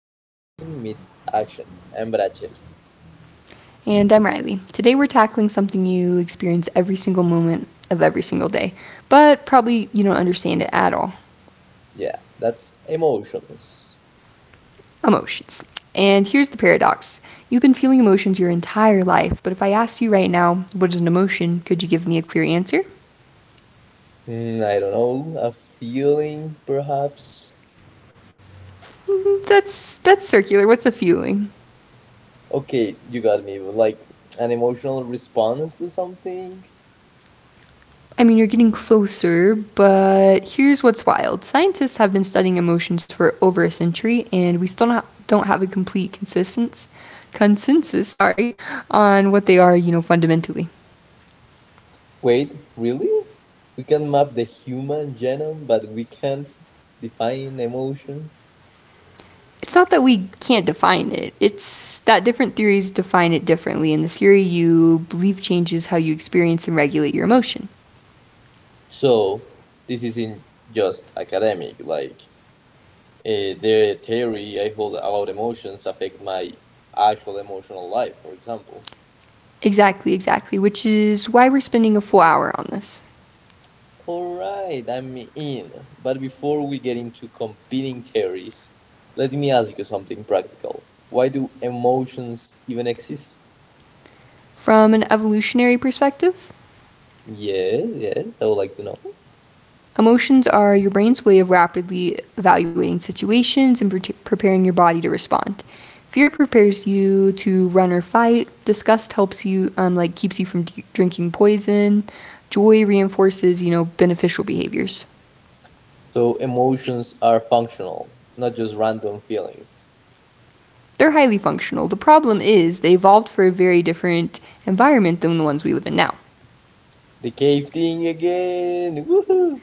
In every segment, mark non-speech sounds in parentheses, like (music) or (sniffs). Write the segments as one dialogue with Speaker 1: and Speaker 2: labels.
Speaker 1: where thinking meets action. I'm Brachel.
Speaker 2: And I'm Riley. Today we're tackling something you experience every single moment of every single day, but probably you don't understand it at all.
Speaker 1: Yeah, that's emotions.
Speaker 2: Emotions. And here's the paradox, you've been feeling emotions your entire life, but if I asked you right now, what is an emotion, could you give me a clear answer?
Speaker 1: I don't know, a feeling perhaps?
Speaker 2: (laughs) That's circular. What's a feeling?
Speaker 1: Okay, you got me, but like an emotional response to something?
Speaker 2: I mean, you're getting closer, but here's what's wild. Scientists have been studying emotions for over a century, and we still not, don't have a complete consensus, sorry, on what they are, fundamentally.
Speaker 1: Wait, really? We can map the human genome, but we can't define emotions?
Speaker 2: It's not that we can't define it. It's that different theories define it differently, and the theory you believe changes how you experience and regulate your emotion.
Speaker 1: So, this isn't just academic, like, the theory I hold about emotions affect my actual emotional life, for example.
Speaker 2: Exactly, exactly, which is why we're spending a full hour on this.
Speaker 1: All right, I'm in. But before we get into competing theories, let me ask you something practical. Why do emotions even exist?
Speaker 2: From an evolutionary perspective,
Speaker 1: Yes, yes, I would like to know.
Speaker 2: emotions are your brain's way of rapidly evaluating situations and preparing your body to respond. Fear prepares you to run or fight. Disgust helps you, like keeps you from drinking poison. Joy reinforces, beneficial behaviors.
Speaker 1: So, emotions are functional, not just random feelings.
Speaker 2: They're highly functional. The problem is they evolved for a very different environment than the ones we live in now.
Speaker 1: The cave thing again! Woohoo!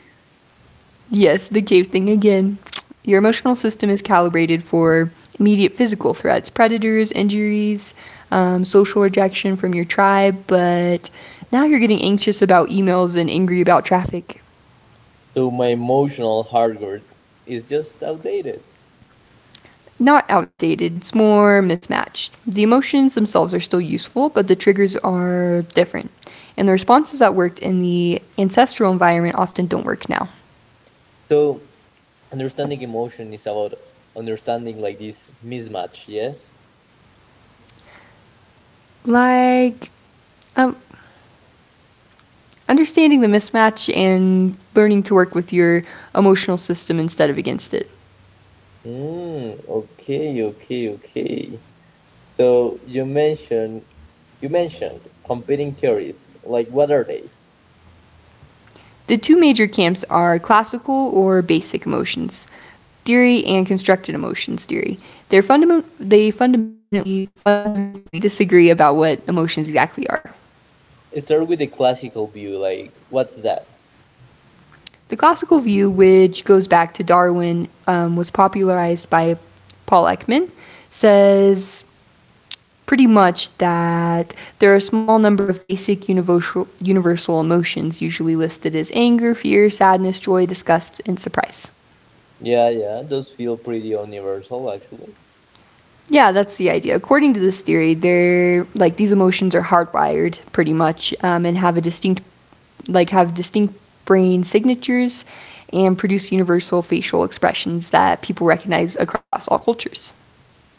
Speaker 2: Yes, the cave thing again. Your emotional system is calibrated for immediate physical threats, predators, injuries, social rejection from your tribe, but now you're getting anxious about emails and angry about traffic.
Speaker 1: So, my emotional hardware is just outdated.
Speaker 2: Not outdated, it's more mismatched. The emotions themselves are still useful, but the triggers are different. And the responses that worked in the ancestral environment often don't work now.
Speaker 1: So, understanding emotion is about understanding like this mismatch, yes.
Speaker 2: Like, um, understanding the mismatch and learning to work with your emotional system instead of against it.
Speaker 1: Okay okay, So you mentioned, competing theories, like what are they?
Speaker 2: The two major camps are classical or basic emotions theory and constructed emotions theory. They're they fundamentally disagree about what emotions exactly are.
Speaker 1: Start with the classical view, like what's that?
Speaker 2: The classical view, which goes back to Darwin, was popularized by Paul Ekman, says pretty much that there are a small number of basic universal emotions usually listed as anger, fear, sadness, joy, disgust, and surprise.
Speaker 1: Yeah, yeah, those feel pretty universal actually.
Speaker 2: Yeah, that's the idea. According to this theory, they're like these emotions are hardwired pretty much and have a distinct, like have distinct brain signatures and produce universal facial expressions that people recognize across all cultures.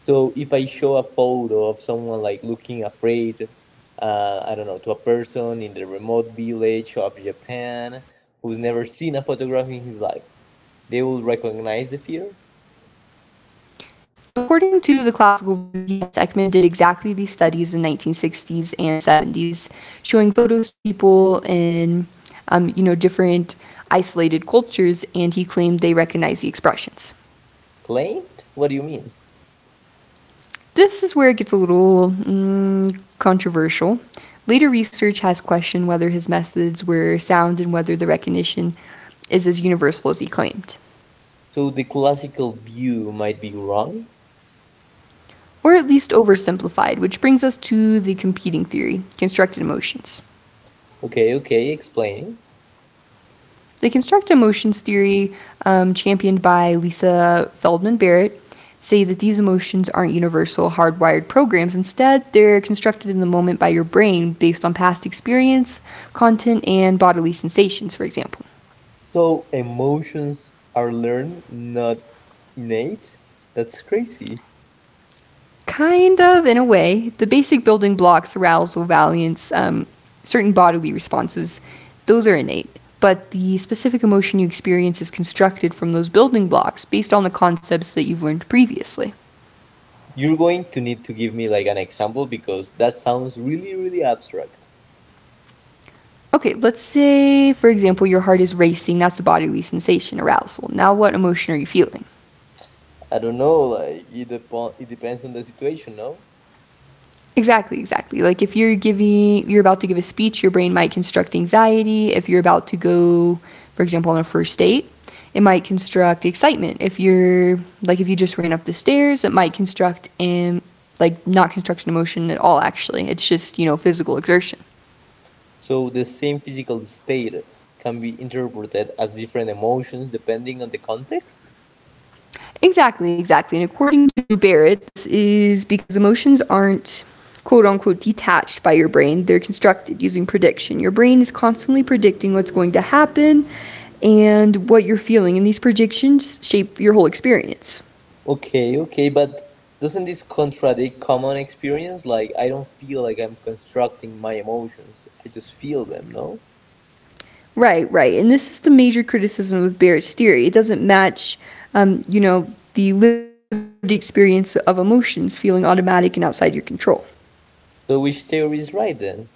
Speaker 1: So if I show a photo of someone like looking afraid, I don't know, to a person in the remote village of Japan who's never seen a photograph in his life, they will recognize the fear?
Speaker 2: According to the classical view, yes, Ekman did exactly these studies in 1960s and 70s, showing photos to people in, different isolated cultures, and he claimed they recognized the expressions.
Speaker 1: Claimed? What do you mean?
Speaker 2: This is where it gets a little controversial. Later research has questioned whether his methods were sound and whether the recognition is as universal as he claimed,
Speaker 1: So the classical view might be wrong?
Speaker 2: or at least oversimplified, which brings us to the competing theory, constructed emotions.
Speaker 1: Okay, okay, explain.
Speaker 2: The construct emotions theory, championed by Lisa Feldman Barrett, say that these emotions aren't universal, hardwired programs. Instead, they're constructed in the moment by your brain based on past experience, content, and bodily sensations, for example.
Speaker 1: So emotions are learned, not innate? That's crazy.
Speaker 2: Kind of, in a way, the basic building blocks, arousal, valiance, certain bodily responses, those are innate. But the specific emotion you experience is constructed from those building blocks based on the concepts that you've learned previously.
Speaker 1: You're going to need to give me like an example because that sounds really, really abstract.
Speaker 2: Okay, let's say, for example, your heart is racing. That's a bodily sensation, arousal. Now, what emotion are you feeling?
Speaker 1: I don't know, like it, upon, it depends on the situation, no?
Speaker 2: Exactly, exactly. Like if you're about to give a speech, your brain might construct anxiety. If you're about to go, for example, on a first date, it might construct excitement. If you just ran up the stairs, it might construct like not construct an emotion at all. Actually, it's just physical exertion.
Speaker 1: So the same physical state can be interpreted as different emotions depending on the context?
Speaker 2: Exactly, exactly. And according to Barrett, this is because emotions aren't quote unquote detached by your brain, they're constructed using prediction. Your brain is constantly predicting what's going to happen and what you're feeling, and these predictions shape your whole experience.
Speaker 1: Okay, okay, but doesn't this contradict common experience? Like, I don't feel like I'm constructing my emotions, I just feel them, no?
Speaker 2: Right, right. And this is the major criticism of Barrett's theory. It doesn't match, the lived experience of emotions feeling automatic and outside your control.
Speaker 1: So, which theory is right then?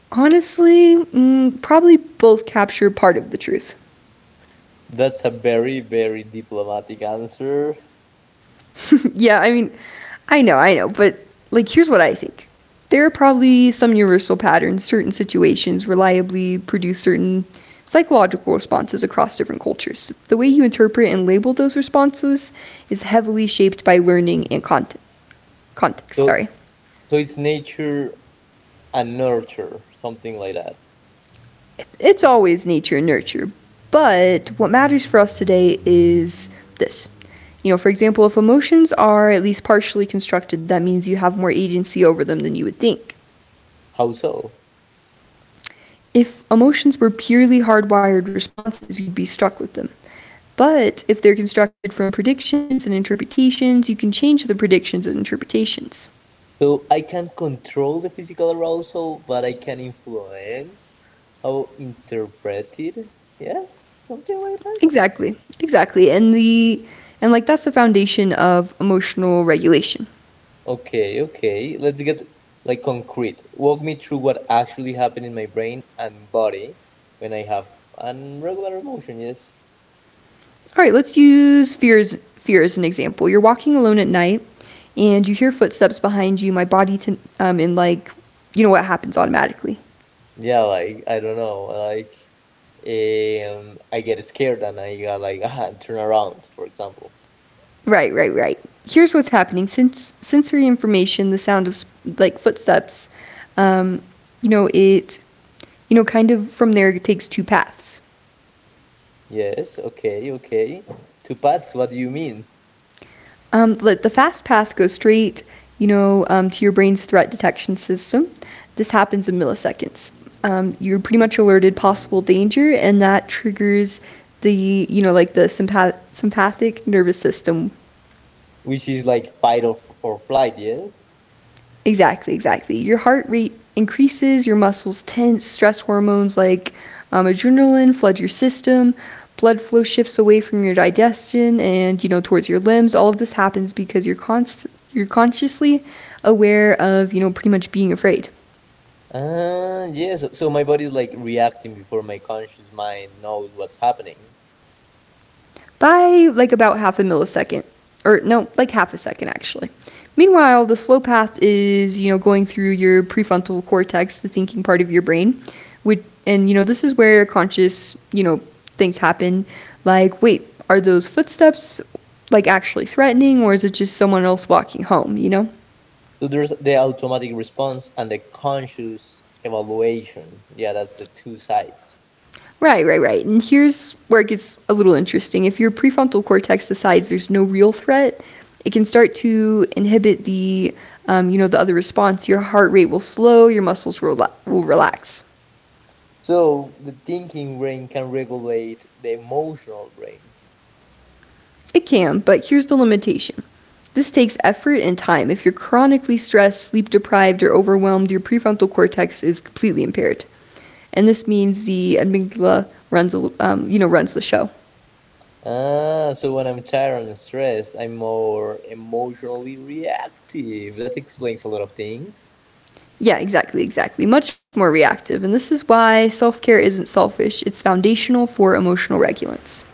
Speaker 2: Honestly, probably both capture part of the truth.
Speaker 1: That's a very, very diplomatic answer.
Speaker 2: Yeah, I mean, I know, but like, here's what I think. There are probably some universal patterns. Certain situations reliably produce certain psychological responses across different cultures. The way you interpret and label those responses is heavily shaped by learning and context.
Speaker 1: So,
Speaker 2: Sorry,
Speaker 1: so it's nature and nurture, something like that.
Speaker 2: it's always nature and nurture, but what matters for us today is this. For example, if emotions are at least partially constructed, that means you have more agency over them than you would think.
Speaker 1: How so?
Speaker 2: If emotions were purely hardwired responses, you'd be stuck with them. But if they're constructed from predictions and interpretations, you can change the predictions and interpretations.
Speaker 1: So I can control the physical arousal, but I can influence how interpreted. Yes, something like that.
Speaker 2: Exactly. Exactly. And that's the foundation of emotional regulation.
Speaker 1: Okay, okay. Let's get like concrete. Walk me through what actually happened in my brain and body when I have an regular emotion. Yes.
Speaker 2: All right, let's use fear as an example. You're walking alone at night and you hear footsteps behind you. My body to, and like you know what happens automatically.
Speaker 1: Yeah, like I don't know, like I get scared and I got like (laughs) turn around, for example.
Speaker 2: Right, right, right. Here's what's happening. Since sensory information, the sound of like footsteps, um, it, kind of from there it takes two paths.
Speaker 1: Yes. Okay. Okay. Two paths. What do you mean?
Speaker 2: Let the fast path go straight, to your brain's threat detection system. This happens in milliseconds. You're pretty much alerted possible danger, and that triggers the, you know, like the sympath- sympathetic nervous system.
Speaker 1: Which is like fight or, f- or flight, yes.
Speaker 2: Exactly, exactly. Your heart rate increases, your muscles tense, stress hormones like adrenaline flood your system, blood flow shifts away from your digestion and towards your limbs. All of this happens because you're consciously aware of pretty much being afraid.
Speaker 1: Yes, so, so my body's like reacting before my conscious mind knows what's happening.
Speaker 2: By like about half a millisecond, or no, like half a second actually. Meanwhile, the slow path is, going through your prefrontal cortex, the thinking part of your brain, which, and this is where conscious, things happen. Like, wait, are those footsteps like actually threatening, or is it just someone else walking home?
Speaker 1: So there's the automatic response and the conscious evaluation, yeah, that's the two sides.
Speaker 2: Right, right, right. And here's where it gets a little interesting. If your prefrontal cortex decides there's no real threat, it can start to inhibit the other response. Your heart rate will slow, your muscles will relax.
Speaker 1: So the thinking brain can regulate the emotional brain.
Speaker 2: It can, but here's the limitation. This takes effort and time. If you're chronically stressed, sleep deprived, or overwhelmed, your prefrontal cortex is completely impaired, and this means the amygdala runs, a l- you know, runs the show.
Speaker 1: So when I'm tired and stressed I'm more emotionally reactive, that explains a lot of things.
Speaker 2: Yeah, exactly, exactly. Much more reactive. And this is why self care isn't selfish, it's foundational for emotional regulance.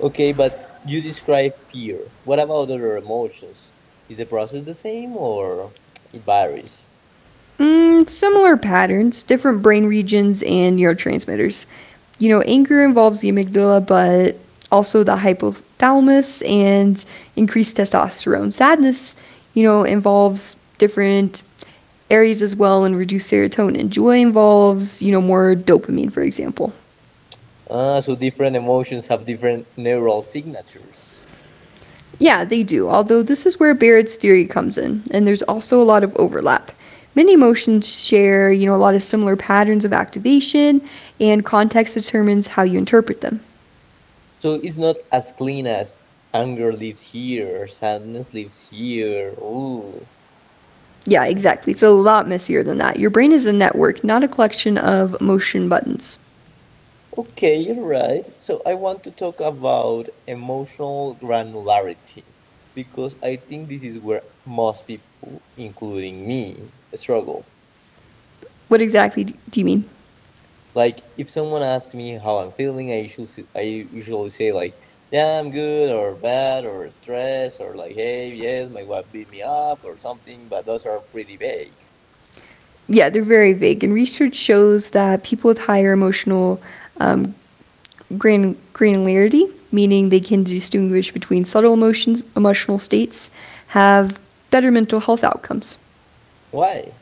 Speaker 1: Okay, but you describe fear. What about other emotions? Is the process the same or it varies?
Speaker 2: Similar patterns, different brain regions and neurotransmitters. Anger involves the amygdala, but also the hypothalamus and increased testosterone. Sadness, involves different areas as well and reduced serotonin. Joy involves, more dopamine, for example.
Speaker 1: Ah, so different emotions have different neural signatures.
Speaker 2: Yeah, they do, although this is where Barrett's theory comes in, and there's also a lot of overlap. Many emotions share, a lot of similar patterns of activation, and context determines how you interpret them.
Speaker 1: So it's not as clean as anger lives here, sadness lives here. Ooh.
Speaker 2: Yeah, exactly. It's a lot messier than that. Your brain is a network, not a collection of emotion buttons.
Speaker 1: Okay, you're right. So I want to talk about emotional granularity because I think this is where most people, including me, struggle.
Speaker 2: What exactly do you mean?
Speaker 1: Like if someone asks me how I'm feeling, I usually say like, yeah, I'm good or bad or stressed or like, hey, yes, my wife beat me up or something. But those are pretty vague.
Speaker 2: Yeah, they're very vague, and research shows that people with higher emotional um, granularity, meaning they can distinguish between subtle emotions, emotional states, have better mental health outcomes.
Speaker 1: Why?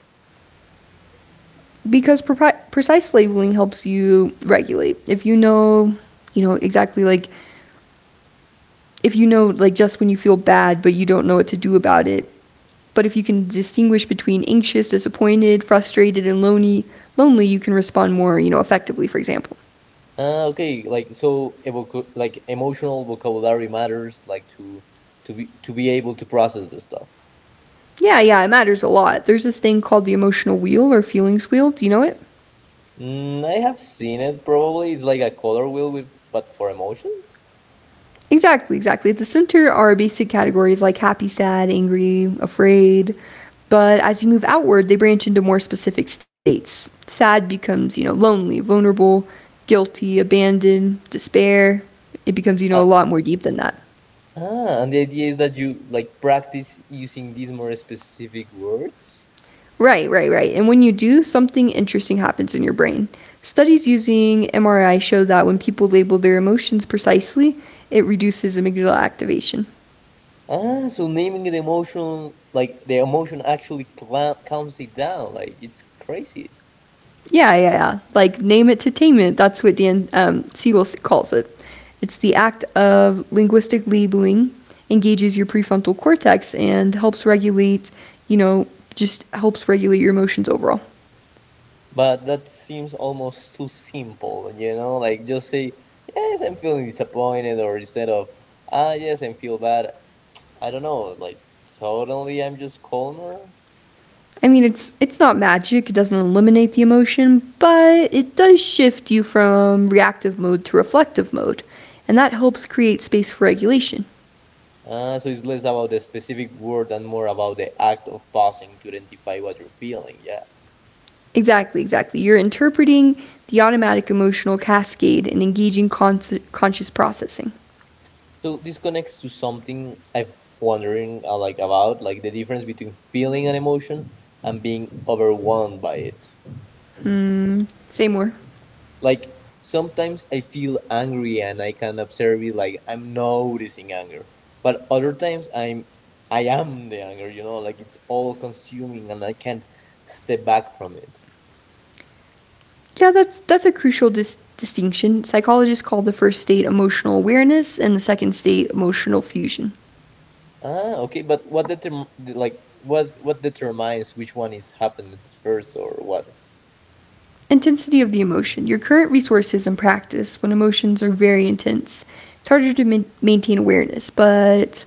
Speaker 2: Because precise labeling helps you regulate. If you know, you know exactly like if you know like just when you feel bad but you don't know what to do about it, but if you can distinguish between anxious, disappointed, frustrated, and lonely, you can respond more, effectively, for example.
Speaker 1: Okay, like so, evoc- like emotional vocabulary matters, like to to be able to process this stuff.
Speaker 2: Yeah, yeah, it matters a lot. There's this thing called the emotional wheel or feelings wheel. Do you know it?
Speaker 1: I have seen it probably. It's like a color wheel with but for emotions.
Speaker 2: Exactly, exactly. At the center are basic categories like happy, sad, angry, afraid. But as you move outward, they branch into more specific states. Sad becomes, lonely, vulnerable, guilty, abandoned, despair. It becomes,
Speaker 1: Uh,
Speaker 2: a lot more deep than that.
Speaker 1: and the idea is that you like practice using these more specific words.
Speaker 2: Right, right, right. And when you do, something interesting happens in your brain. Studies using MRI show that when people label their emotions precisely, it reduces amygdala activation.
Speaker 1: Ah, so naming the emotion, like the emotion actually cla calms it down. Like it's crazy.
Speaker 2: Yeah, yeah, yeah. Like name it to tame it. That's what Dan Siegel calls it. It's the act of linguistic labeling engages your prefrontal cortex and helps regulate, you know, just helps regulate your emotions overall.
Speaker 1: But that seems almost too simple, you know? Like just say, yes, I'm feeling disappointed, or instead of, ah, yes, I feel bad. I don't know, like suddenly I'm just calmer.
Speaker 2: I mean, it's not magic. It doesn't eliminate the emotion, but it does shift you from reactive mode to reflective mode, and that helps create space for regulation.
Speaker 1: Ah, so it's less about the specific word and more about the act of pausing to identify what you're feeling, yeah.
Speaker 2: Exactly, exactly. You're interpreting the automatic emotional cascade and engaging conscious processing.
Speaker 1: So this connects to something I've wondering, like about like the difference between feeling an emotion and being overwhelmed by it.
Speaker 2: Say more.
Speaker 1: Like sometimes I feel angry and I can observe it like I'm noticing anger, but other times I'm I am the anger, you know, like it's all consuming and I can't step back from it.
Speaker 2: Yeah, that's a crucial distinction. Psychologists call the first state emotional awareness and the second state emotional fusion.
Speaker 1: Ah, okay, but what determ like what determines which one is happens first or what?
Speaker 2: Intensity of the emotion. Your current resources and practice when emotions are very intense. It's harder to maintain awareness, but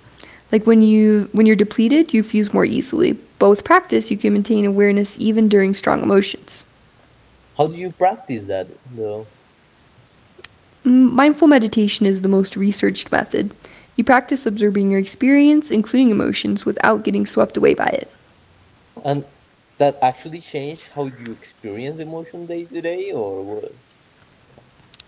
Speaker 2: like when you're depleted, you fuse more easily. But with practice, you can maintain awareness even during strong emotions.
Speaker 1: How do you practice that though?
Speaker 2: Mindful meditation is the most researched method. You practice observing your experience, including emotions, without getting swept away by it.
Speaker 1: And that actually changed how you experience emotion day to day, or what?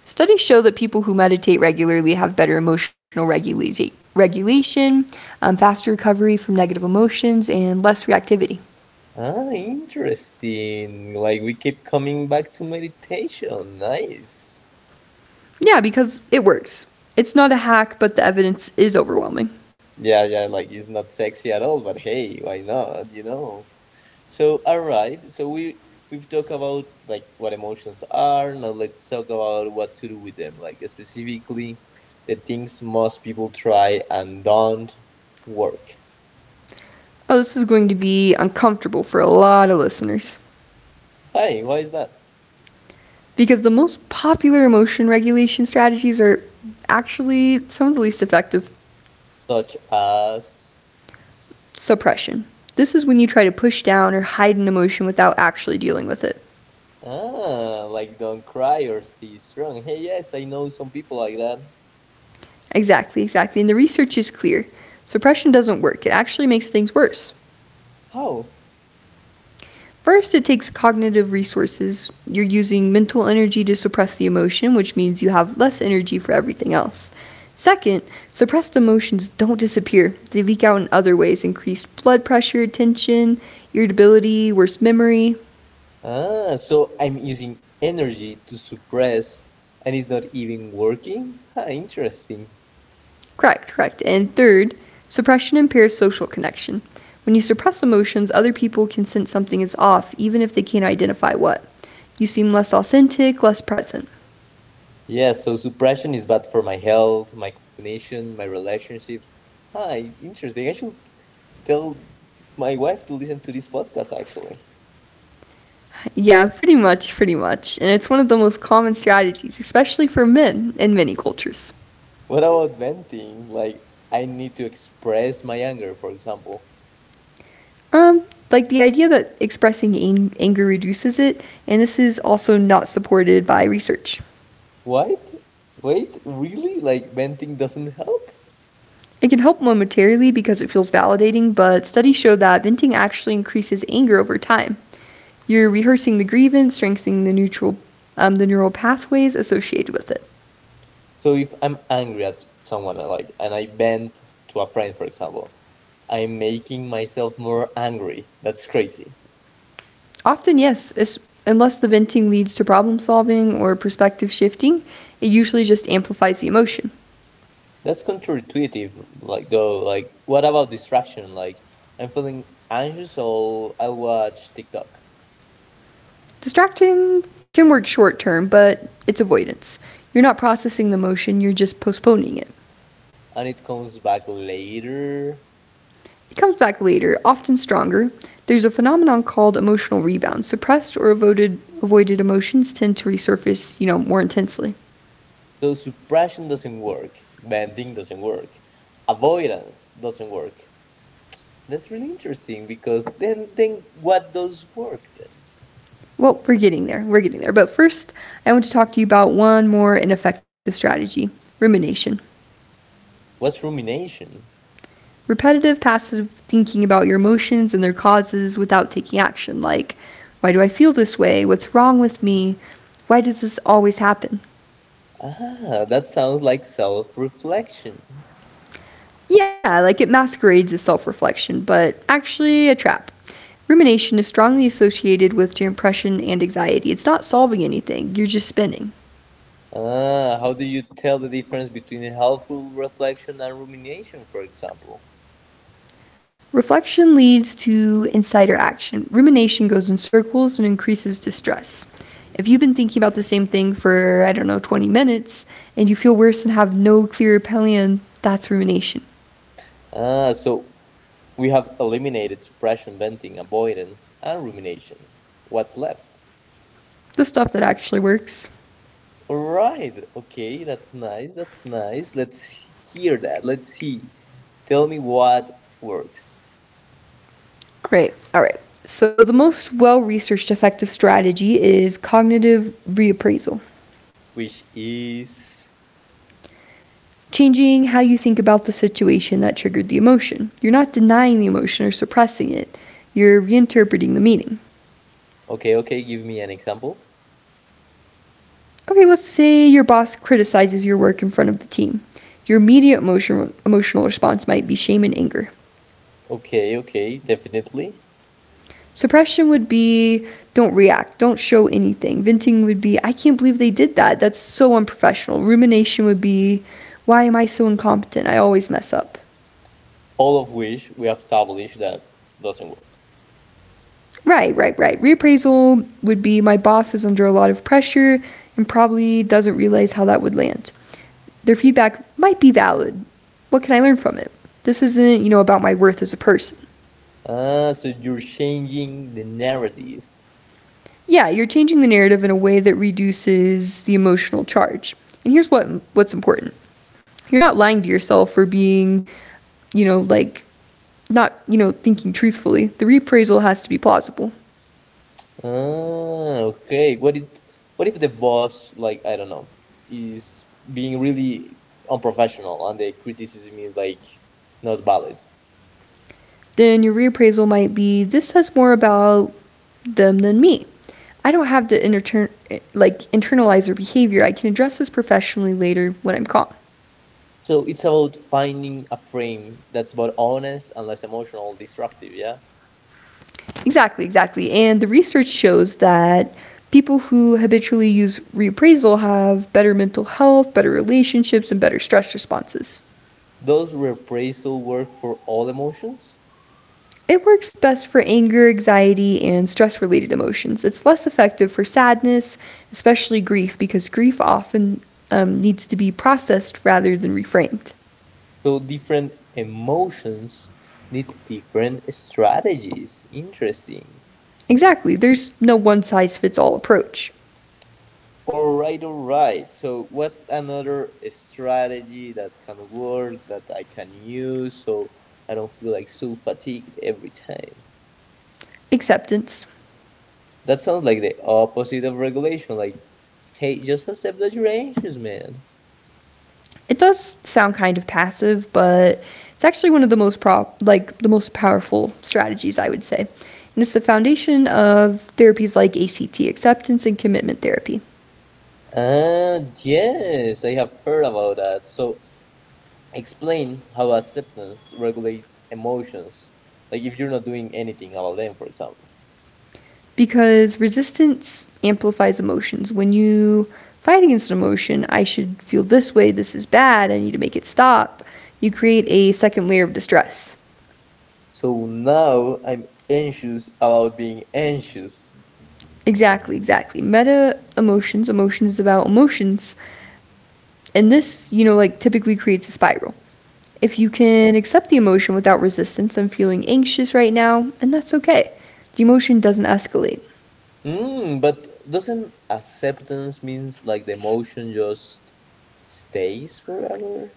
Speaker 2: Studies show that people who meditate regularly have better emotional regulation, faster recovery from negative emotions, and less reactivity.
Speaker 1: Ah, interesting. Like we keep coming back to meditation. Nice.
Speaker 2: Yeah, because it works. It's not a hack, but the evidence is overwhelming.
Speaker 1: Yeah, yeah, like it's not sexy at all, but hey, why not, you know? So, all right. So we've talked about like what emotions are. Now let's talk about what to do with them. Like specifically the things most people try and don't work.
Speaker 2: Oh, this is going to be uncomfortable for a lot of listeners
Speaker 1: Hey, why is that?
Speaker 2: because the most popular emotion regulation strategies are actually some of the least effective.
Speaker 1: Such as.
Speaker 2: Suppression. This is when you try to push down or hide an emotion without actually dealing with it.
Speaker 1: Like don't cry or stay strong. Hey, yes, I know some people like that.
Speaker 2: Exactly, exactly. And the research is clear. Suppression doesn't work, it actually makes things worse.
Speaker 1: How?
Speaker 2: First, it takes cognitive resources. You're using mental energy to suppress the emotion, which means you have less energy for everything else. Second, suppressed emotions don't disappear. They leak out in other ways: increased blood pressure, tension, irritability, worse memory.
Speaker 1: Ah, so I'm using energy to suppress and it's not even working? Ah, interesting.
Speaker 2: Correct, correct. And third, suppression impairs social connection. When you suppress emotions, other people can sense something is off, even if they can't identify what. You seem less authentic, less present.
Speaker 1: Yeah, so suppression is bad for my health, my cognition, my relationships. Hi, interesting. I should tell my wife to listen to this podcast actually.
Speaker 2: Yeah, pretty much, pretty much. And it's one of the most common strategies, especially for men in many cultures.
Speaker 1: What about venting? Like, I need to express my anger, for example.
Speaker 2: Um, like the idea that expressing anger reduces it, and this is also not supported by research.
Speaker 1: What? Wait, really? Like venting doesn't help?
Speaker 2: It can help momentarily because it feels validating, but studies show that venting actually increases anger over time. You're rehearsing the grievance, strengthening the neural pathways associated with it.
Speaker 1: So if I'm angry at someone like and I vent to a friend for example, I'm making myself more angry. That's crazy.
Speaker 2: Often, yes, unless the venting leads to problem solving or perspective shifting, it usually just amplifies the emotion.
Speaker 1: That's counterintuitive like though, like what about distraction? Like I'm feeling anxious so I'll watch TikTok,
Speaker 2: Distracting can work short term, but it's avoidance. You're not processing the emotion, you're just postponing it.
Speaker 1: and it comes back later.
Speaker 2: It comes back later, often stronger. There's a phenomenon called emotional rebound. Suppressed or avoided emotions tend to resurface, you know, more intensely.
Speaker 1: So suppression doesn't work. Venting doesn't work. Avoidance doesn't work. That's really interesting because then what does work then?
Speaker 2: Well, we're getting there. We're getting there. But first, I want to talk to you about one more ineffective strategy: rumination.
Speaker 1: What's rumination?
Speaker 2: Repetitive, passive thinking about your emotions and their causes without taking action, like, why do I feel this way? What's wrong with me? Why does this always happen?
Speaker 1: Ah, that sounds like self-reflection.
Speaker 2: Yeah, like it masquerades as self reflection, but actually a trap. Rumination is strongly associated with depression and anxiety. It's not solving anything, you're just spinning.
Speaker 1: Ah, how do you tell the difference between helpful reflection and rumination, for example?
Speaker 2: Reflection leads to insider action. Rumination goes in circles and increases distress. If you've been thinking about the same thing for, I don't know, 20 minutes, and you feel worse and have no clear plan, that's rumination.
Speaker 1: Ah, so we have eliminated suppression, venting, avoidance, and rumination. What's left?
Speaker 2: The stuff that actually works.
Speaker 1: All right. Okay, that's nice. That's nice. Let's hear that. Let's see. Tell me what works,
Speaker 2: All right, all right. So, the most well researched effective strategy is cognitive reappraisal.
Speaker 1: which is.
Speaker 2: Changing how you think about the situation that triggered the emotion. You're not denying the emotion or suppressing it, you're reinterpreting the meaning.
Speaker 1: Okay, okay, give me an example.
Speaker 2: Okay, let's say your boss criticizes your work in front of the team. Your immediate emotional response might be shame and anger.
Speaker 1: Okay, okay, definitely.
Speaker 2: Suppression would be don't react, don't show anything. Venting would be I can't believe they did that. That's so unprofessional. Rumination would be why am I so incompetent? I always mess up.
Speaker 1: All of which we have established that doesn't work.
Speaker 2: Right, right, right. Reappraisal would be my boss is under a lot of pressure and probably doesn't realize how that would land. Their feedback might be valid. What can I learn from it? This isn't, you know, about my worth as a person.
Speaker 1: Ah, so you're changing the narrative.
Speaker 2: Yeah, you're changing the narrative in a way that reduces the emotional charge. And here's what's important. You're not lying to yourself for being, you know, like not, you know, thinking truthfully. The reappraisal has to be plausible.
Speaker 1: Ah, okay. What if the boss, like, I don't know, is being really unprofessional and the criticism is, like, not valid?
Speaker 2: Then your reappraisal might be this says more about them than me. I don't have to internalize their behavior. I can address this professionally later when I'm calm.
Speaker 1: So it's about finding a frame that's both honest and less emotional destructive, yeah?
Speaker 2: Exactly, exactly. And the research shows that people who habitually use reappraisal have better mental health, better relationships, and better stress responses.
Speaker 1: Does repraisal work for all emotions?
Speaker 2: It works best for anger, anxiety, and stress related emotions. It's less effective for sadness, especially grief, because grief often needs to be processed rather than reframed.
Speaker 1: So different emotions need different strategies. Interesting.
Speaker 2: Exactly, there's no one size fits all approach.
Speaker 1: All right, all right. So what's another strategy that can work that I can use so I don't feel like so fatigued every time?
Speaker 2: Acceptance.
Speaker 1: That sounds like the opposite of regulation. Like, hey, just accept that you're anxious, man.
Speaker 2: It does sound kind of passive, but it's actually one of the most the most powerful strategies I would say. And it's the foundation of therapies like ACT, acceptance and commitment therapy.
Speaker 1: Ah, yes, I have heard about that. So explain how acceptance regulates emotions, like if you're not doing anything about them, for example.
Speaker 2: Because resistance amplifies emotions. When you fight against an emotion, I should feel this way, this is bad, I need to make it stop. You create a second layer of distress.
Speaker 1: So now I'm anxious about being anxious.
Speaker 2: Exactly, exactly. Meta emotions, emotions about emotions, and this, you know, like typically creates a spiral. If you can accept the emotion without resistance, I'm feeling anxious right now, and that's okay. The emotion doesn't escalate.
Speaker 1: But doesn't acceptance means like the emotion just stays forever?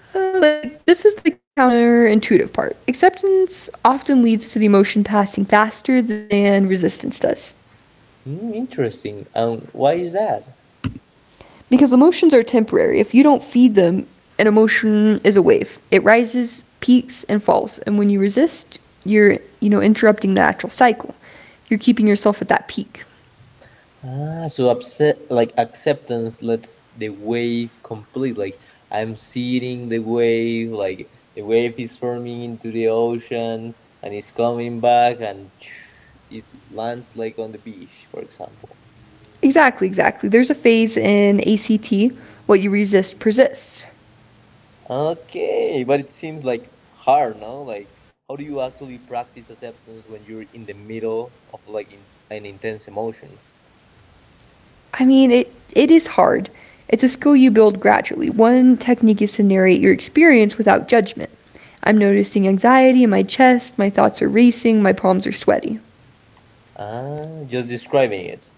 Speaker 2: This is the counterintuitive part. Acceptance often leads to the emotion passing faster than resistance does.
Speaker 1: Interesting. And why is that?
Speaker 2: Because emotions are temporary. If you don't feed them, an emotion is a wave. It rises, peaks, and falls. And when you resist, you're, you know, interrupting the natural cycle. You're keeping yourself at that peak.
Speaker 1: Ah, so upset like acceptance lets the wave complete. Like I'm seeing the wave, like the wave is forming into the ocean and it's coming back and (sniffs) (tsk) it lands like on the beach, for example.
Speaker 2: Exactly, exactly. There's a phase in ACT, what you resist persists.
Speaker 1: Okay, but it seems like hard, no? Like how do you actually practice acceptance when you're in the middle of like in, an intense emotion?
Speaker 2: I mean, it is hard. It's a skill you build gradually. One technique is to narrate your experience without judgment. I'm noticing anxiety in my chest, my thoughts are racing, my palms are sweaty.
Speaker 1: Ah, just describing it.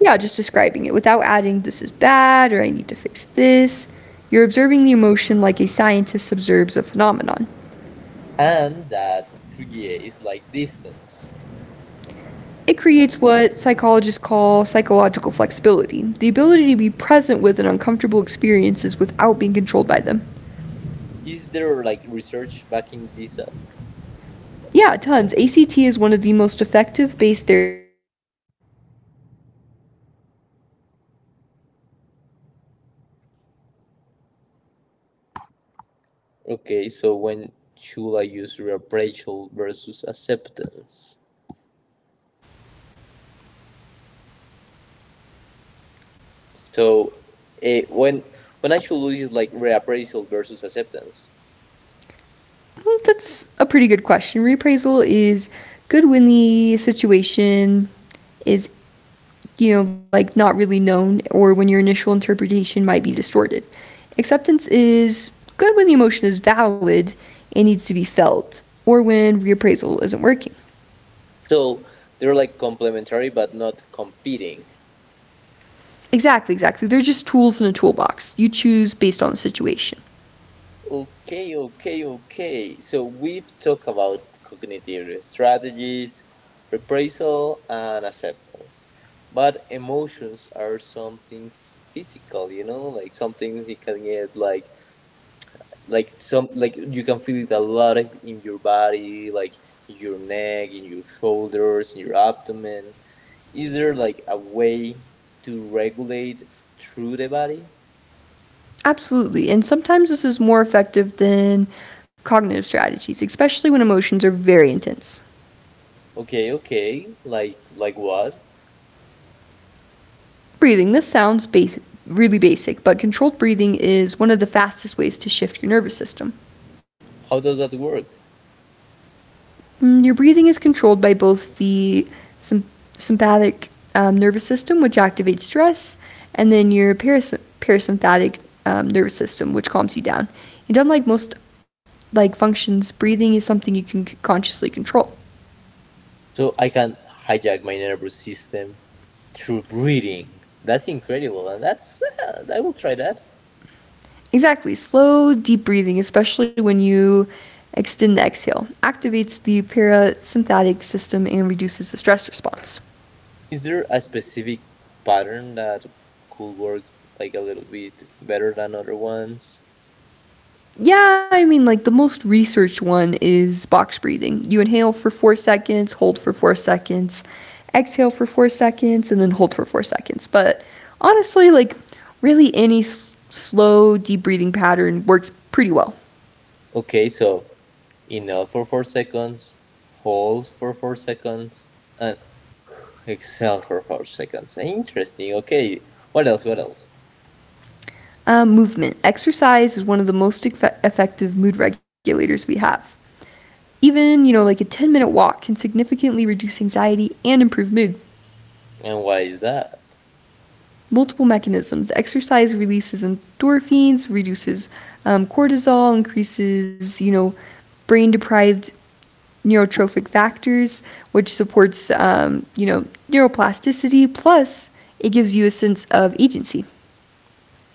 Speaker 2: Yeah, just describing it without adding this is bad or I need to fix this. You're observing the emotion like a scientist observes a phenomenon.
Speaker 1: And that creates like distance.
Speaker 2: It creates what psychologists call psychological flexibility: the ability to be present with an uncomfortable experiences without being controlled by them.
Speaker 1: Is there like research backing this up?
Speaker 2: Yeah, tons. ACT is one of the most effective based therapies we have. Studies show it's effective for anxiety, depression, chronic pain, addiction, basically any condition where emotional avoidance is part of the problem.
Speaker 1: Okay, so when should I use reappraisal versus acceptance? So eh, when when I should use like reappraisal versus acceptance.
Speaker 2: Hmm, that's a pretty good question. Reappraisal is good when the situation is you know, like not really known or when your initial interpretation might be distorted. Acceptance is good when the emotion is valid and needs to be felt or when reappraisal isn't working.
Speaker 1: So they're like complementary but not competing.
Speaker 2: Exactly, exactly. They're just tools in a toolbox. You choose based on the situation.
Speaker 1: Okay, okay, okay. So we've talked about cognitive strategies, reprisal, and acceptance. But emotions are something physical, you know, like something you can get like some like you can feel it a lot of- in your body, like your neck, in your shoulders, in your abdomen. Is there like a way to regulate through the body?
Speaker 2: Absolutely. And sometimes this is more effective than cognitive strategies, especially when emotions are very intense.
Speaker 1: Okay, okay. Like what?
Speaker 2: Breathing. This sounds really basic, but controlled breathing is one of the fastest ways to shift your nervous system.
Speaker 1: How does that work?
Speaker 2: Mm, your breathing is controlled by both the sym- sympathetic nervous system, which activates stress, and then your parasympathetic nervous system, which calms you down. And unlike most like functions, breathing is something you can consciously control.
Speaker 1: So I can hijack my nervous system through breathing. That's incredible, and that's I will try that.
Speaker 2: Exactly, slow, deep breathing, especially when you extend the exhale, activates the parasympathetic system and reduces the stress response.
Speaker 1: Is there a specific pattern that could work like a little bit better than other ones?
Speaker 2: Yeah, I mean, like the most researched one is box breathing. You inhale for 4 seconds, hold for 4 seconds, exhale for 4 seconds, and then hold for 4 seconds. But honestly, like really any slow, deep breathing pattern works pretty well.
Speaker 1: Okay, so inhale for 4 seconds, hold for 4 seconds, and exhale for 4 seconds. Interesting. Okay, what else? What else?
Speaker 2: Movement. Exercise is one of the most effective mood regulators we have. Even, you know, like a 10-minute walk can significantly reduce anxiety and improve mood.
Speaker 1: And why is that?
Speaker 2: Multiple mechanisms. Exercise releases endorphins, reduces cortisol, increases, you know, brain deprived neurotrophic factors, which supports, you know, neuroplasticity. Plus, it gives you a sense of agency.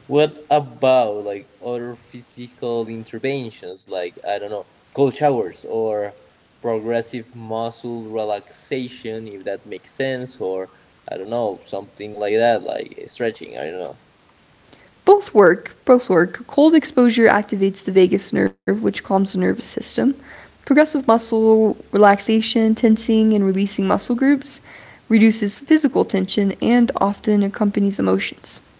Speaker 1: What about like other physical interventions, like I don't know, cold showers or progressive muscle relaxation, if that makes sense, or I don't know, something like that, like stretching. I don't know.
Speaker 2: Both work, both work. Cold exposure activates the vagus nerve, which calms the nervous system. Progressive muscle relaxation, tensing, and releasing muscle groups reduces physical tension and often accompanies emotions.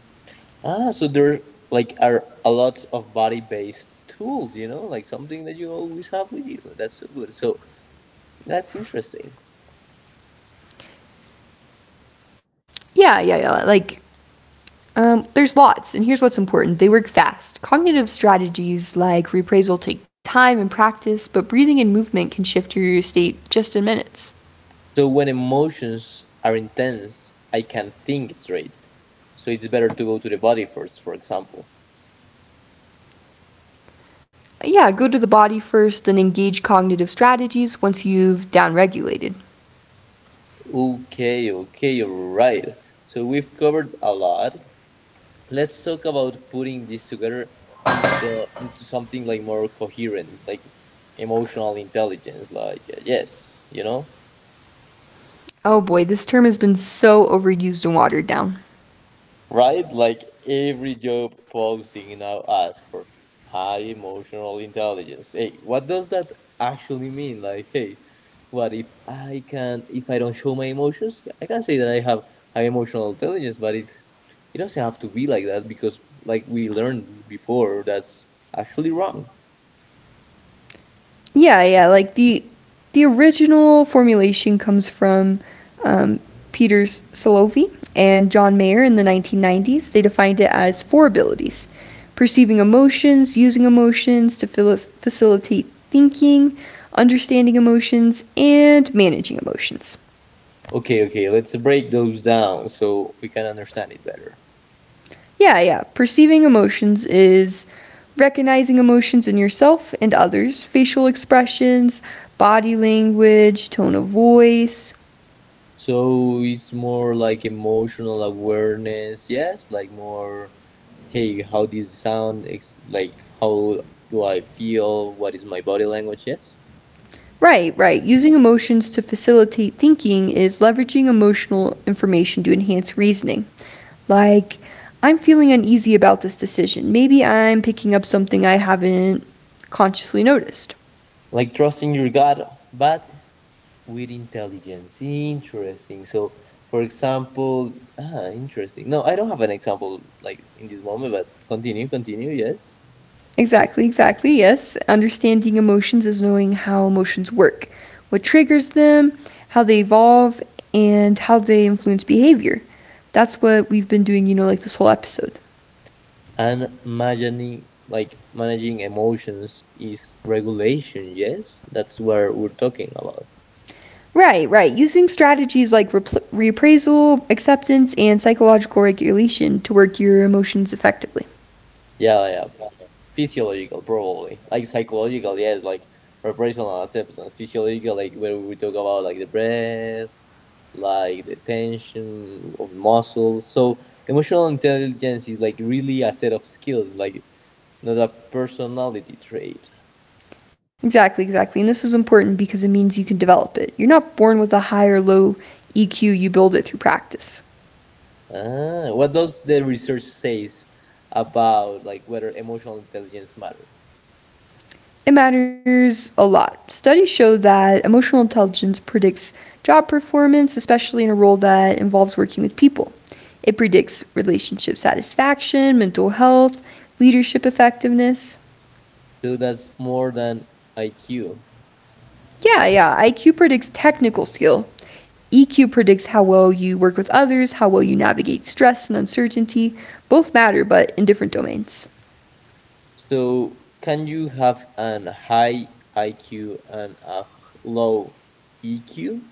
Speaker 1: Ah, so there like are a lot of body-based tools, you know, like something that you always have with you. That's so good. So that's interesting.
Speaker 2: Yeah, yeah, yeah. Like, there's lots, and here's what's important: they work fast. Cognitive strategies like reappraisal take time and practice, but breathing and movement can shift your state just in minutes.
Speaker 1: So when emotions are intense, I can't think straight. So it's better to go to the body first, for example.
Speaker 2: Yeah, go to the body first, then engage cognitive strategies once you've downregulated.
Speaker 1: Okay, okay, right. So we've covered a lot. Let's talk about putting this together into something like more coherent, like emotional intelligence. Like yes, you know.
Speaker 2: Oh boy, this term has been so overused and watered down.
Speaker 1: Right? Like every job posting now asks for high emotional intelligence. Hey, what does that actually mean? Like, hey, what if I can if I don't show my emotions? Yeah, I can say that I have high emotional intelligence, but it doesn't have to be like that because like we learned before, that's actually wrong.
Speaker 2: Yeah, yeah. Like the original formulation comes from um, Peter Salovey and John Mayer in the 1990s. They defined it as four abilities: perceiving emotions, using emotions to facilitate thinking, understanding emotions, and managing emotions.
Speaker 1: Okay, okay, let's break those down so we can understand it better.
Speaker 2: Yeah, yeah. Perceiving emotions is recognizing emotions in yourself and others, facial expressions, body language, tone of voice.
Speaker 1: So it's more like emotional awareness, yes, like more, hey, how does it sound? Like, how do I feel? What is my body language? Yes.
Speaker 2: Right, right. Using emotions to facilitate thinking is leveraging emotional information to enhance reasoning. Like, I'm feeling uneasy about this decision. Maybe I'm picking up something I haven't consciously noticed.
Speaker 1: Like trusting your gut, but with intelligence. Interesting. So, for example, interesting. No, I don't have an example like in this moment, but continue, continue, yes.
Speaker 2: Exactly, exactly. Yes. Understanding emotions is knowing how emotions work, what triggers them, how they evolve, and how they influence behavior. That's what we've been doing, you know, like this whole episode.
Speaker 1: And managing, like, managing emotions is regulation, yes? That's what we're talking about.
Speaker 2: Right, right. Using strategies like reappraisal, acceptance, and psychological regulation to work your emotions effectively.
Speaker 1: Yeah, yeah. Physiological, probably. Like psychological, yes, like vibrational acceptance. Physiological, like where we talk about like the breath, like the tension of muscles. So emotional intelligence is like really a set of skills, like not a personality trait.
Speaker 2: Exactly, exactly. And this is important because it means you can develop it. You're not born with a high or low EQ, you build it through practice.
Speaker 1: Ah, what does the research says about like whether emotional intelligence matter?
Speaker 2: It matters a lot. Studies show that emotional intelligence predicts job performance, especially in a role that involves working with people. It predicts relationship satisfaction, mental health, leadership effectiveness.
Speaker 1: So that's more than IQ.
Speaker 2: Yeah, yeah. IQ predicts technical skill. EQ predicts how well you work with others, how well you navigate stress and uncertainty. Both matter, but in different domains.
Speaker 1: So, can you have an high IQ and a low EQ?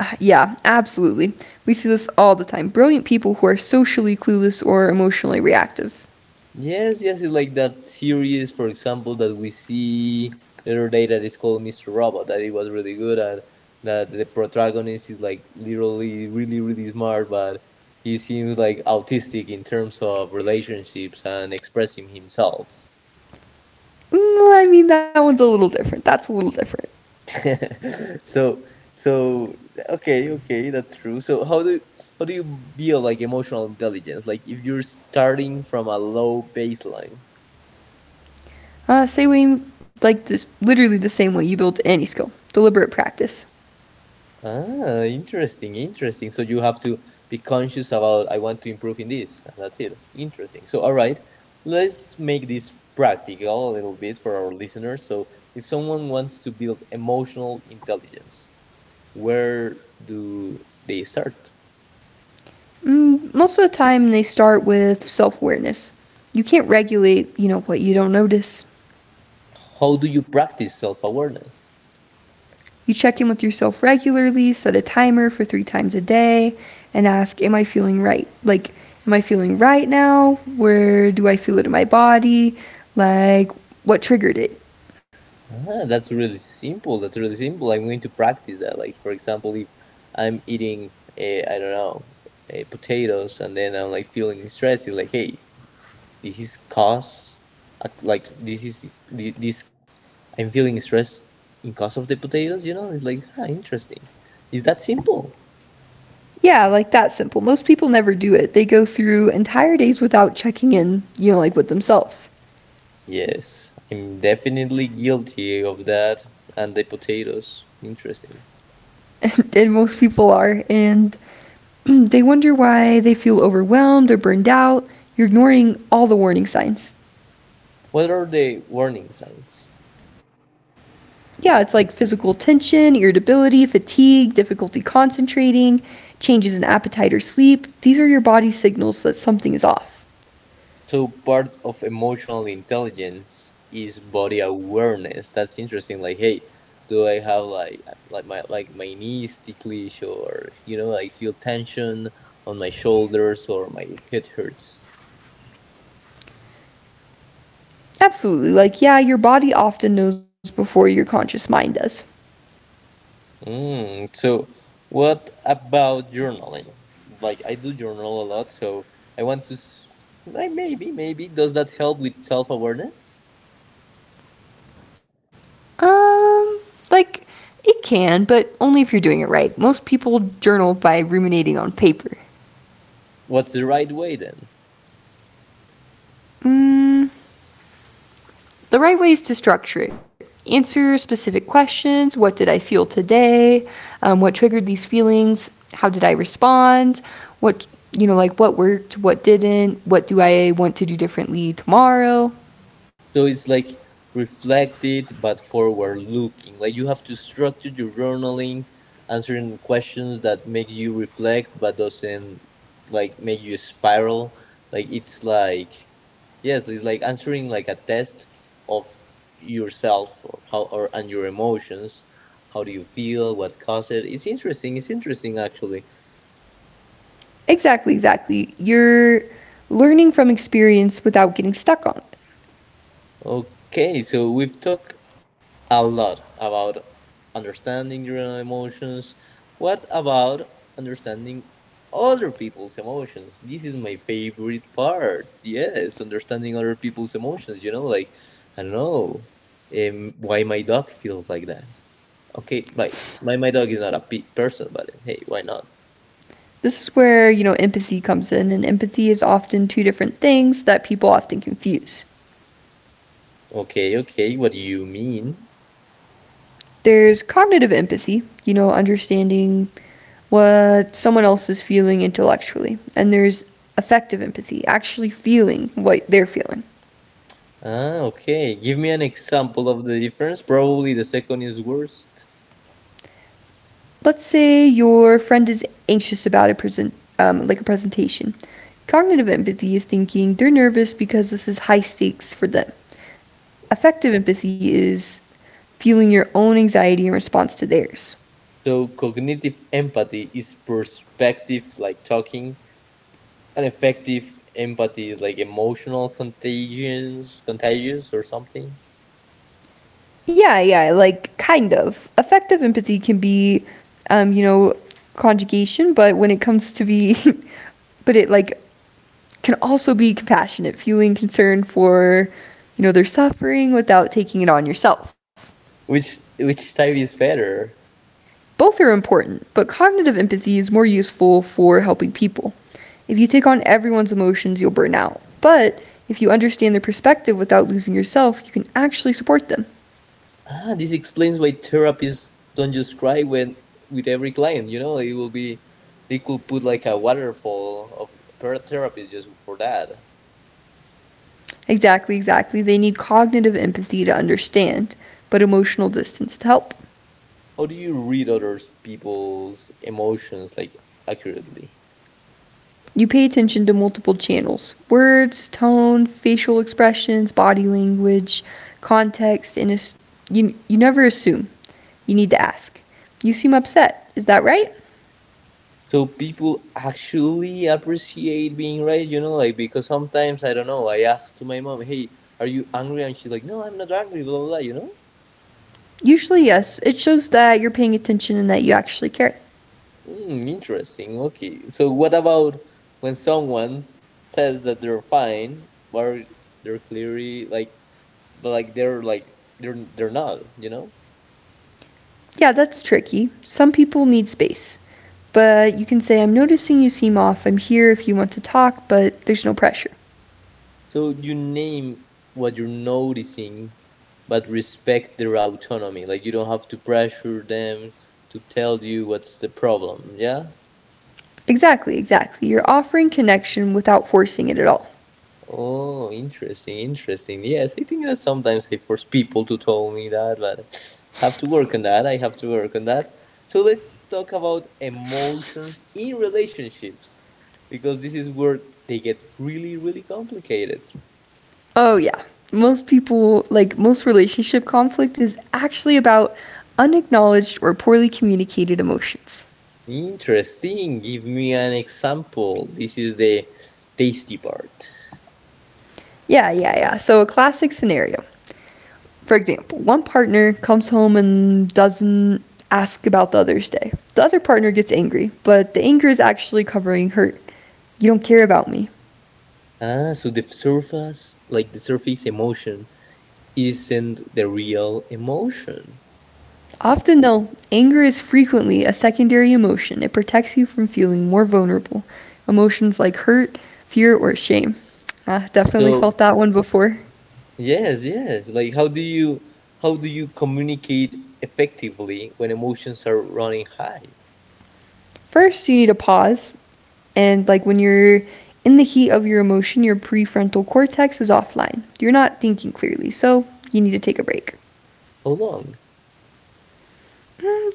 Speaker 2: Yeah, absolutely. We see this all the time. Brilliant people who are socially clueless or emotionally reactive.
Speaker 1: Yes, yes, it's like that series, for example, that we see the other day that is called Mr. Robot, that it was really good at, that the protagonist is like literally really, really smart, but he seems like autistic in terms of relationships and expressing himself.
Speaker 2: I mean, that one's a little different. That's a little different.
Speaker 1: (laughs) so so okay, okay, that's true. So how do you build like emotional intelligence, like if you're starting from a low baseline?
Speaker 2: Say we like this, literally the same way you build any skill deliberate practice.
Speaker 1: Ah, interesting, interesting. So you have to be conscious about I want to improve in this, and that's it. Interesting. So all right, let's make this practical a little bit for our listeners. So if someone wants to build emotional intelligence, where do they start?
Speaker 2: Most of the time, they start with self awareness. You can't regulate, you know, what you don't notice.
Speaker 1: How do you practice self-awareness?
Speaker 2: You check in with yourself regularly, set a timer for three times a day, and ask, am I feeling right? Like, am I feeling right now? Where do I feel it in my body? Like, what triggered it?
Speaker 1: Ah, that's really simple. That's really simple. I'm going to practice that. Like, for example, if I'm eating, I don't know, potatoes, and then I'm like feeling stressed, it's like, hey, this is cause, like, this is- thi- this, I'm feeling stressed in cause of the potatoes, you know? It's like, ah, interesting. Is that simple?
Speaker 2: Yeah, like that simple. Most people never do it. They go through entire days without checking in, you know, like with themselves. (laughs)
Speaker 1: Yes, I'm definitely guilty of that. And the potatoes, interesting.
Speaker 2: And most people are. And (clears throat) they wonder why they feel overwhelmed or burned out. You're ignoring all the warning signs.
Speaker 1: What are the warning signs?
Speaker 2: Yeah, it's like physical tension, irritability, fatigue, difficulty concentrating, changes in appetite or sleep. These are your body signals that something is off.
Speaker 1: So part of emotional intelligence is body awareness. That's interesting. Like, hey, do I have my knees ticklish, or you know, like feel tension on my shoulders or my head hurts?
Speaker 2: Absolutely. Like, yeah, your body often knows before your conscious mind does.
Speaker 1: Mm, so what about journaling? Like I do journal a lot, so I want to. Like maybe does that help with self awareness?
Speaker 2: Um, like, it can, but only if you're doing it right. Most people journal by ruminating on paper.
Speaker 1: What's the right way then?
Speaker 2: Mm, The right ways to structure it answer specific questions. What did I feel today? What triggered these feelings? How did I respond? What, you know, like what worked, what didn't? What do I want to do differently tomorrow?
Speaker 1: So it's like reflected but forward looking. Like you have to structure your journaling, answering questions that make you reflect but doesn't like make you spiral. Like it's like yes, it's like answering like a test of yourself, or how or and your emotions. How do you feel? What caused it? It's interesting. It's interesting actually.
Speaker 2: Exactly, exactly. You're learning from experience without getting stuck on it.
Speaker 1: Okay, so we've talked a lot about understanding your own emotions. What about understanding other people's emotions? This is my favorite part. Yes, understanding other people's emotions. You know, like, I don't know, why my dog feels like that. Okay, right. My dog is not a person, but hey, why not?
Speaker 2: This is where, you know, empathy comes in, and empathy is often two different things that people often confuse.
Speaker 1: Okay, okay, what do you mean?
Speaker 2: There's cognitive empathy, you know, understanding what someone else is feeling intellectually. And there's affective empathy, actually feeling what they're feeling.
Speaker 1: Ah, okay. Give me an example of the difference. Probably the second is worst.
Speaker 2: Let's say your friend is anxious about a presentation. Cognitive empathy is thinking they're nervous because this is high stakes for them. Affective empathy is feeling your own anxiety in response to theirs.
Speaker 1: So cognitive empathy is perspective like talking, and effective empathy is like emotional contagions, contagious or something.
Speaker 2: Yeah, yeah, like kind of. Affective empathy can be, you know, conjugation, but when it comes to be, (laughs) but it like can also be compassionate, feeling concern for, you know, their suffering without taking it on yourself.
Speaker 1: Which type is better?
Speaker 2: Both are important, but cognitive empathy is more useful for helping people. If you take on everyone's emotions, you'll burn out. But if you understand their perspective without losing yourself, you can actually support them.
Speaker 1: Ah, this explains why therapists don't just cry when with every client. You know, it will be they could put like a waterfall of therapists just for that.
Speaker 2: Exactly, exactly. They need cognitive empathy to understand, but emotional distance to help.
Speaker 1: How do you read others people's emotions like accurately?
Speaker 2: You pay attention to multiple channels words, tone, facial expressions, body language, context, and you never assume. You need to ask. You seem upset. Is that right?
Speaker 1: So people actually appreciate being right, you know, like because sometimes I don't know. I ask to my mom, "Hey, are you angry?" And she's like, "No, I'm not angry." Blah blah blah, you know.
Speaker 2: Usually, yes. It shows that you're paying attention and that you actually care.
Speaker 1: Mm, interesting. Okay. So what about when someone says that they're fine, or they're clearly like, but like they're not, you know?
Speaker 2: Yeah, that's tricky. Some people need space. But you can say, I'm noticing you seem off. I'm here if you want to talk, but there's no pressure.
Speaker 1: So you name what you're noticing, but respect their autonomy. Like you don't have to pressure them to tell you what's the problem. Yeah.
Speaker 2: Exactly, exactly. You're offering connection without forcing it at all.
Speaker 1: Oh, interesting, interesting. Yes, I think that sometimes I force people to tell me that, but (sighs) (sniffs) have to work on that. I have to work on that. So let's talk about emotions in relationships because this is where they get really, really complicated.
Speaker 2: Oh, yeah. Most people, like most relationship conflict, is actually about unacknowledged or poorly communicated emotions.
Speaker 1: Interesting. Give me an example. This is the tasty part.
Speaker 2: Yeah, yeah, yeah. So, a classic scenario. For example, one partner comes home and doesn't ask about the other's day. The other partner gets angry, but the anger is actually covering hurt. You don't care about me.
Speaker 1: Ah, so the surface, like the surface emotion, isn't the real emotion.
Speaker 2: Often, though, anger is frequently a secondary emotion. It protects you from feeling more vulnerable. Emotions like hurt, fear, or shame. I definitely
Speaker 1: So
Speaker 2: felt that one before.
Speaker 1: yes, yes. Like how do you communicate effectively when emotions are running high?
Speaker 2: First, you need to pause. And, like, when you're in the heat of your emotion, your prefrontal cortex is offline. You're not thinking clearly, so you need to take a break.
Speaker 1: How long?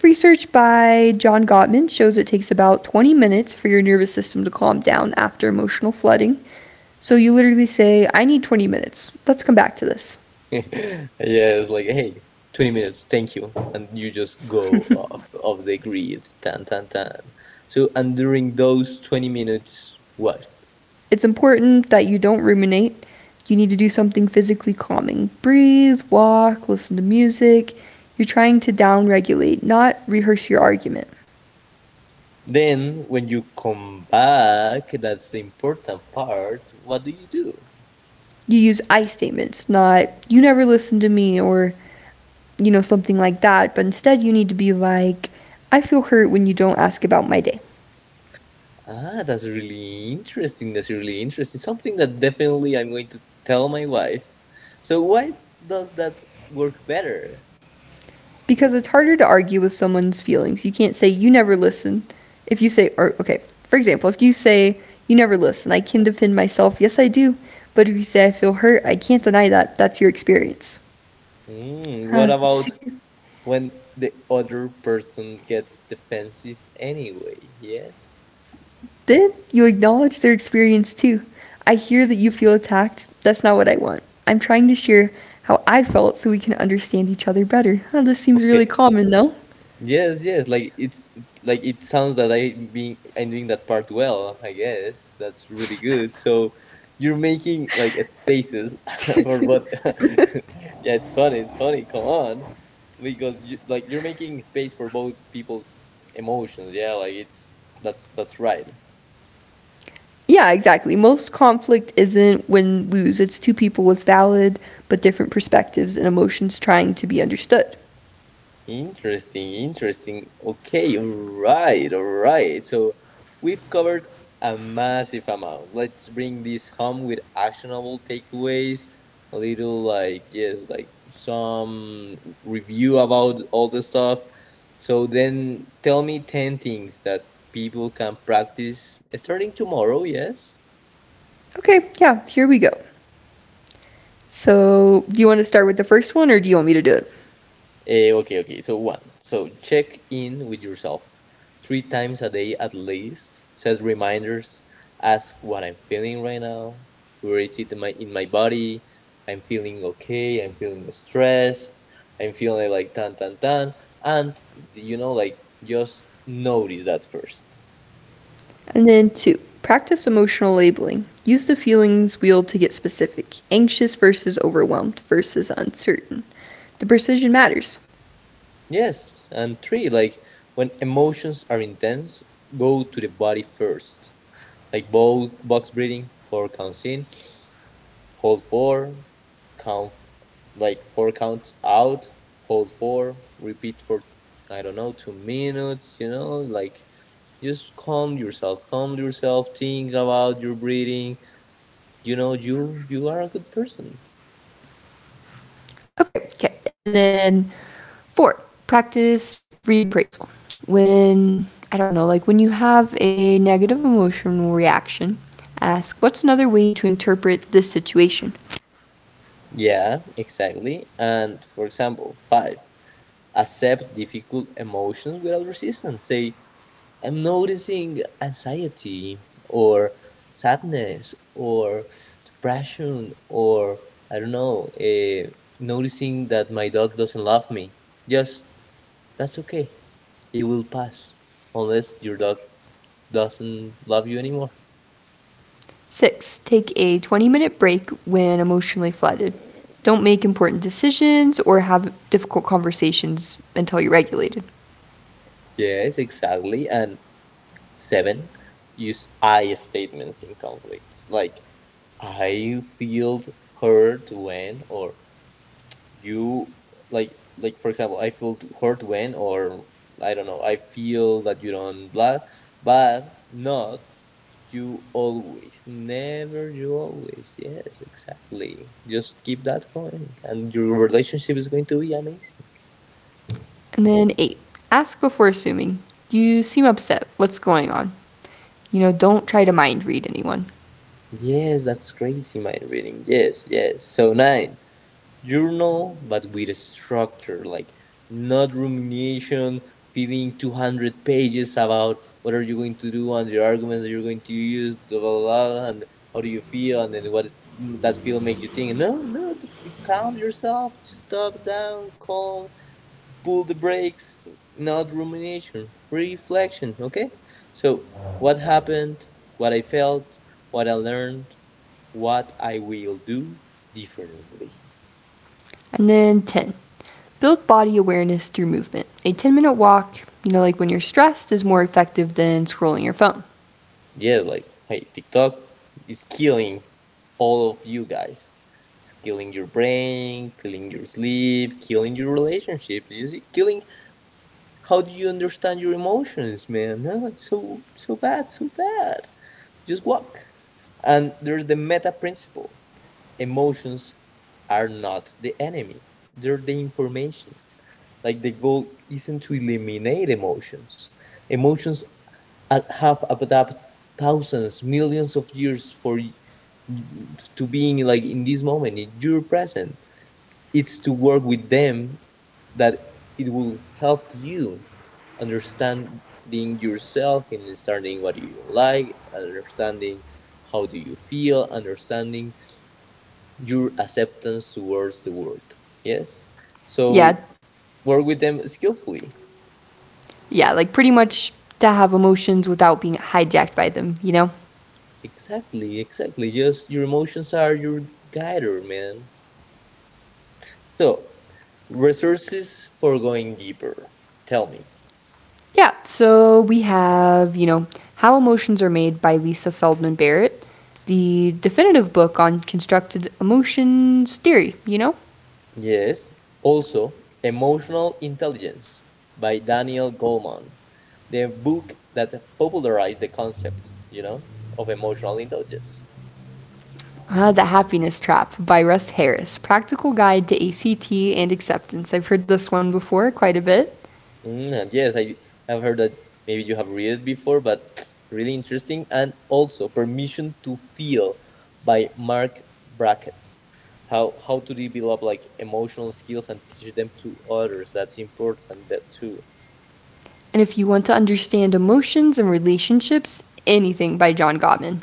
Speaker 2: Research by John Gottman shows it takes about 20 minutes for your nervous system to calm down after emotional flooding. So you literally say, I need 20 minutes. Let's come back to this.
Speaker 1: (laughs) yes, like hey, 20 minutes. Thank you, and you just go off of the grid. Tan tan tan. So and during those 20 minutes, what?
Speaker 2: It's important that you don't ruminate. You need to do something physically calming. Breathe, walk, listen to music. You're trying to downregulate, not rehearse your argument.
Speaker 1: Then, when you come back, that's the important part. What do you do?
Speaker 2: You use I statements, not you never listen to me or you know something like that, but instead you need to be like I feel hurt when you don't ask about my day.
Speaker 1: Ah, that's really interesting. That's really interesting. Something that definitely I'm going to tell my wife. So, why does that work better?
Speaker 2: Because it's harder to argue with someone's feelings. You can't say you never listen. If you say or okay, for example, if you say you never listen, I can defend myself. Yes, I do. But if you say I feel hurt, I can't deny that. That's your experience.
Speaker 1: Mm, what
Speaker 2: Huh,
Speaker 1: about
Speaker 2: see,
Speaker 1: when the other person gets defensive anyway? Yes?
Speaker 2: then you acknowledge their experience too. I hear that you feel attacked. That's not what I want. I'm trying to share how I felt so we can understand each other better. Huh, this seems really
Speaker 1: Okay,
Speaker 2: common though.
Speaker 1: yes, yes. Like it's like it sounds that I being I'm doing that part well. I guess that's really good. So you're making like a spaces (laughs) for what? (laughs) yeah, it's funny. It's funny. Come on, because you, like you're making space for both people's emotions. Yeah, like it's that's right.
Speaker 2: Yeah, exactly. Most conflict isn't win lose, it's two people with valid but different perspectives and emotions trying to be understood.
Speaker 1: Interesting, interesting. Okay, all right, all right. So we've covered a massive amount. Let's bring this home with actionable takeaways. A little like, yes, like some review about all the stuff. So then tell me 10 things that people can practice starting tomorrow, yes?
Speaker 2: Okay, yeah, here we go. So, do you want to start with the first one or do you want me to do it?
Speaker 1: Okay, okay. So one. So check in with yourself three times a day at least. Set reminders. Ask what I'm feeling right now. Where is it in my body? I'm feeling okay. I'm feeling stressed. I'm feeling like tan tan tan. And you know, like just notice that first.
Speaker 2: And then two, practice emotional labeling. Use the feelings wheel to get specific anxious versus overwhelmed versus uncertain. The precision matters.
Speaker 1: Yes. And three, like when emotions are intense, go to the body first, like box breathing for counts in, hold four, count like four counts out, hold four, repeat for I don't know 2 minutes. You know, like just calm yourself, think about your breathing. You know, you are a good person.
Speaker 2: Okay, okay. And then four, practice reappraisal. When, I don't know, like when you have a negative emotional reaction, ask what's another way to interpret this situation?
Speaker 1: Yeah, exactly. And for example, five, accept difficult emotions without resistance. Say, I'm noticing anxiety or sadness or depression or I don't know, noticing that my dog doesn't love me. Just that's okay. It will pass unless your dog doesn't love you anymore.
Speaker 2: Six, take a 20-minute break when emotionally flooded. Don't make important decisions or have difficult conversations until you're regulated.
Speaker 1: Yes, exactly. And seven, use I statements in conflicts. Like I feel hurt when, or you like for example, I feel hurt when, or I don't know, I feel that you don't blah, but not you always never you always. Yes, exactly, just keep that going and your relationship is going to be amazing.
Speaker 2: And then eight, ask before assuming. You seem upset. What's going on? You know, don't try to mind read anyone.
Speaker 1: Yes, that's crazy mind reading. Yes, yes, so nine. Journal, but with a structure, like not rumination, filling 200 pages about what are you going to do and your arguments that you're going to use, blah, blah, blah, and how do you feel, and then what that feel makes you think. No, no, calm yourself, just stop down, calm, pull the brakes, not rumination, reflection, okay? So, what happened, what I felt, what I learned, what I will do differently.
Speaker 2: And then 10, build body awareness through movement. A 10-minute walk, you know, like when you're stressed, is more effective than scrolling your phone.
Speaker 1: Yeah, like hey, TikTok is killing all of you guys. It's killing your brain, killing your sleep, killing your relationship. You see, killing how do you understand your emotions, man? No, it's so so bad, so bad. Just walk. And there's the meta principle. Emotions are not the enemy. They're the information. Like the goal isn't to eliminate emotions. Emotions have adapted thousands, millions of years for to being like in this moment, in your present. It's to work with them that it will help you understanding yourself, in understanding what you like, understanding how do you feel, understanding your acceptance towards the world. Yes.
Speaker 2: Yeah,
Speaker 1: So work with them skillfully.
Speaker 2: yeah, like pretty much to have emotions without being hijacked by them, you know?
Speaker 1: Exactly, exactly. Just your emotions are your guider, man. So, resources for going deeper. Tell me.
Speaker 2: Yeah, so we have, you know, How Emotions Are Made by Lisa Feldman Barrett, the definitive book on constructed emotions theory, you know?
Speaker 1: Yes, also Emotional Intelligence by Daniel Goleman, the book that popularized the concept, you know, of emotional intelligence.
Speaker 2: The Happiness Trap by Russ Harris, Practical Guide to ACT and Acceptance. I've heard this one before quite a bit.
Speaker 1: Mm, and yes, I have heard that maybe you have read it before, but (tsk) really interesting. And also, Permission to Feel by Mark Brackett. How to develop like emotional skills and teach them to others. That's important that too.
Speaker 2: And if you want to understand emotions and relationships, anything by John Gottman.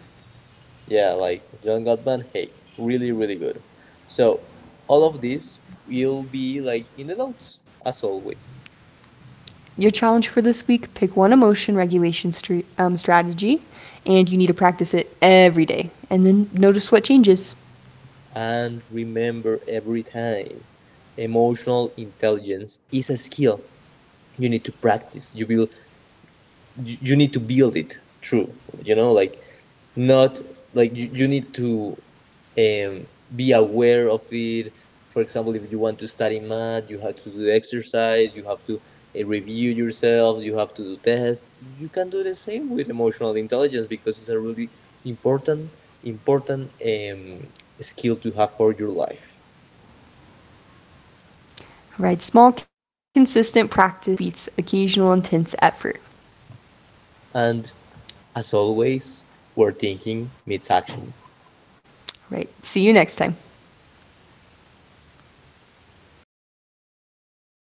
Speaker 1: Yeah, like John Gottman. Hey, really, really good. So all of this will be like in the notes as always.
Speaker 2: Your challenge for this week pick one emotion regulation strategy, and you need to practice it every day. And then notice what changes.
Speaker 1: And remember every time, emotional intelligence is a skill you need to practice. You will you need to build it through you know like not like you need to um, be aware of it. For example, if you want to study math you have to do exercise, you have to review yourself, you have to do tests. You can do the same with emotional intelligence because it's a really important important skill to have for your life.
Speaker 2: Right, small, consistent practice beats occasional intense effort.
Speaker 1: And as always, where thinking meets action.
Speaker 2: Right, see you next time.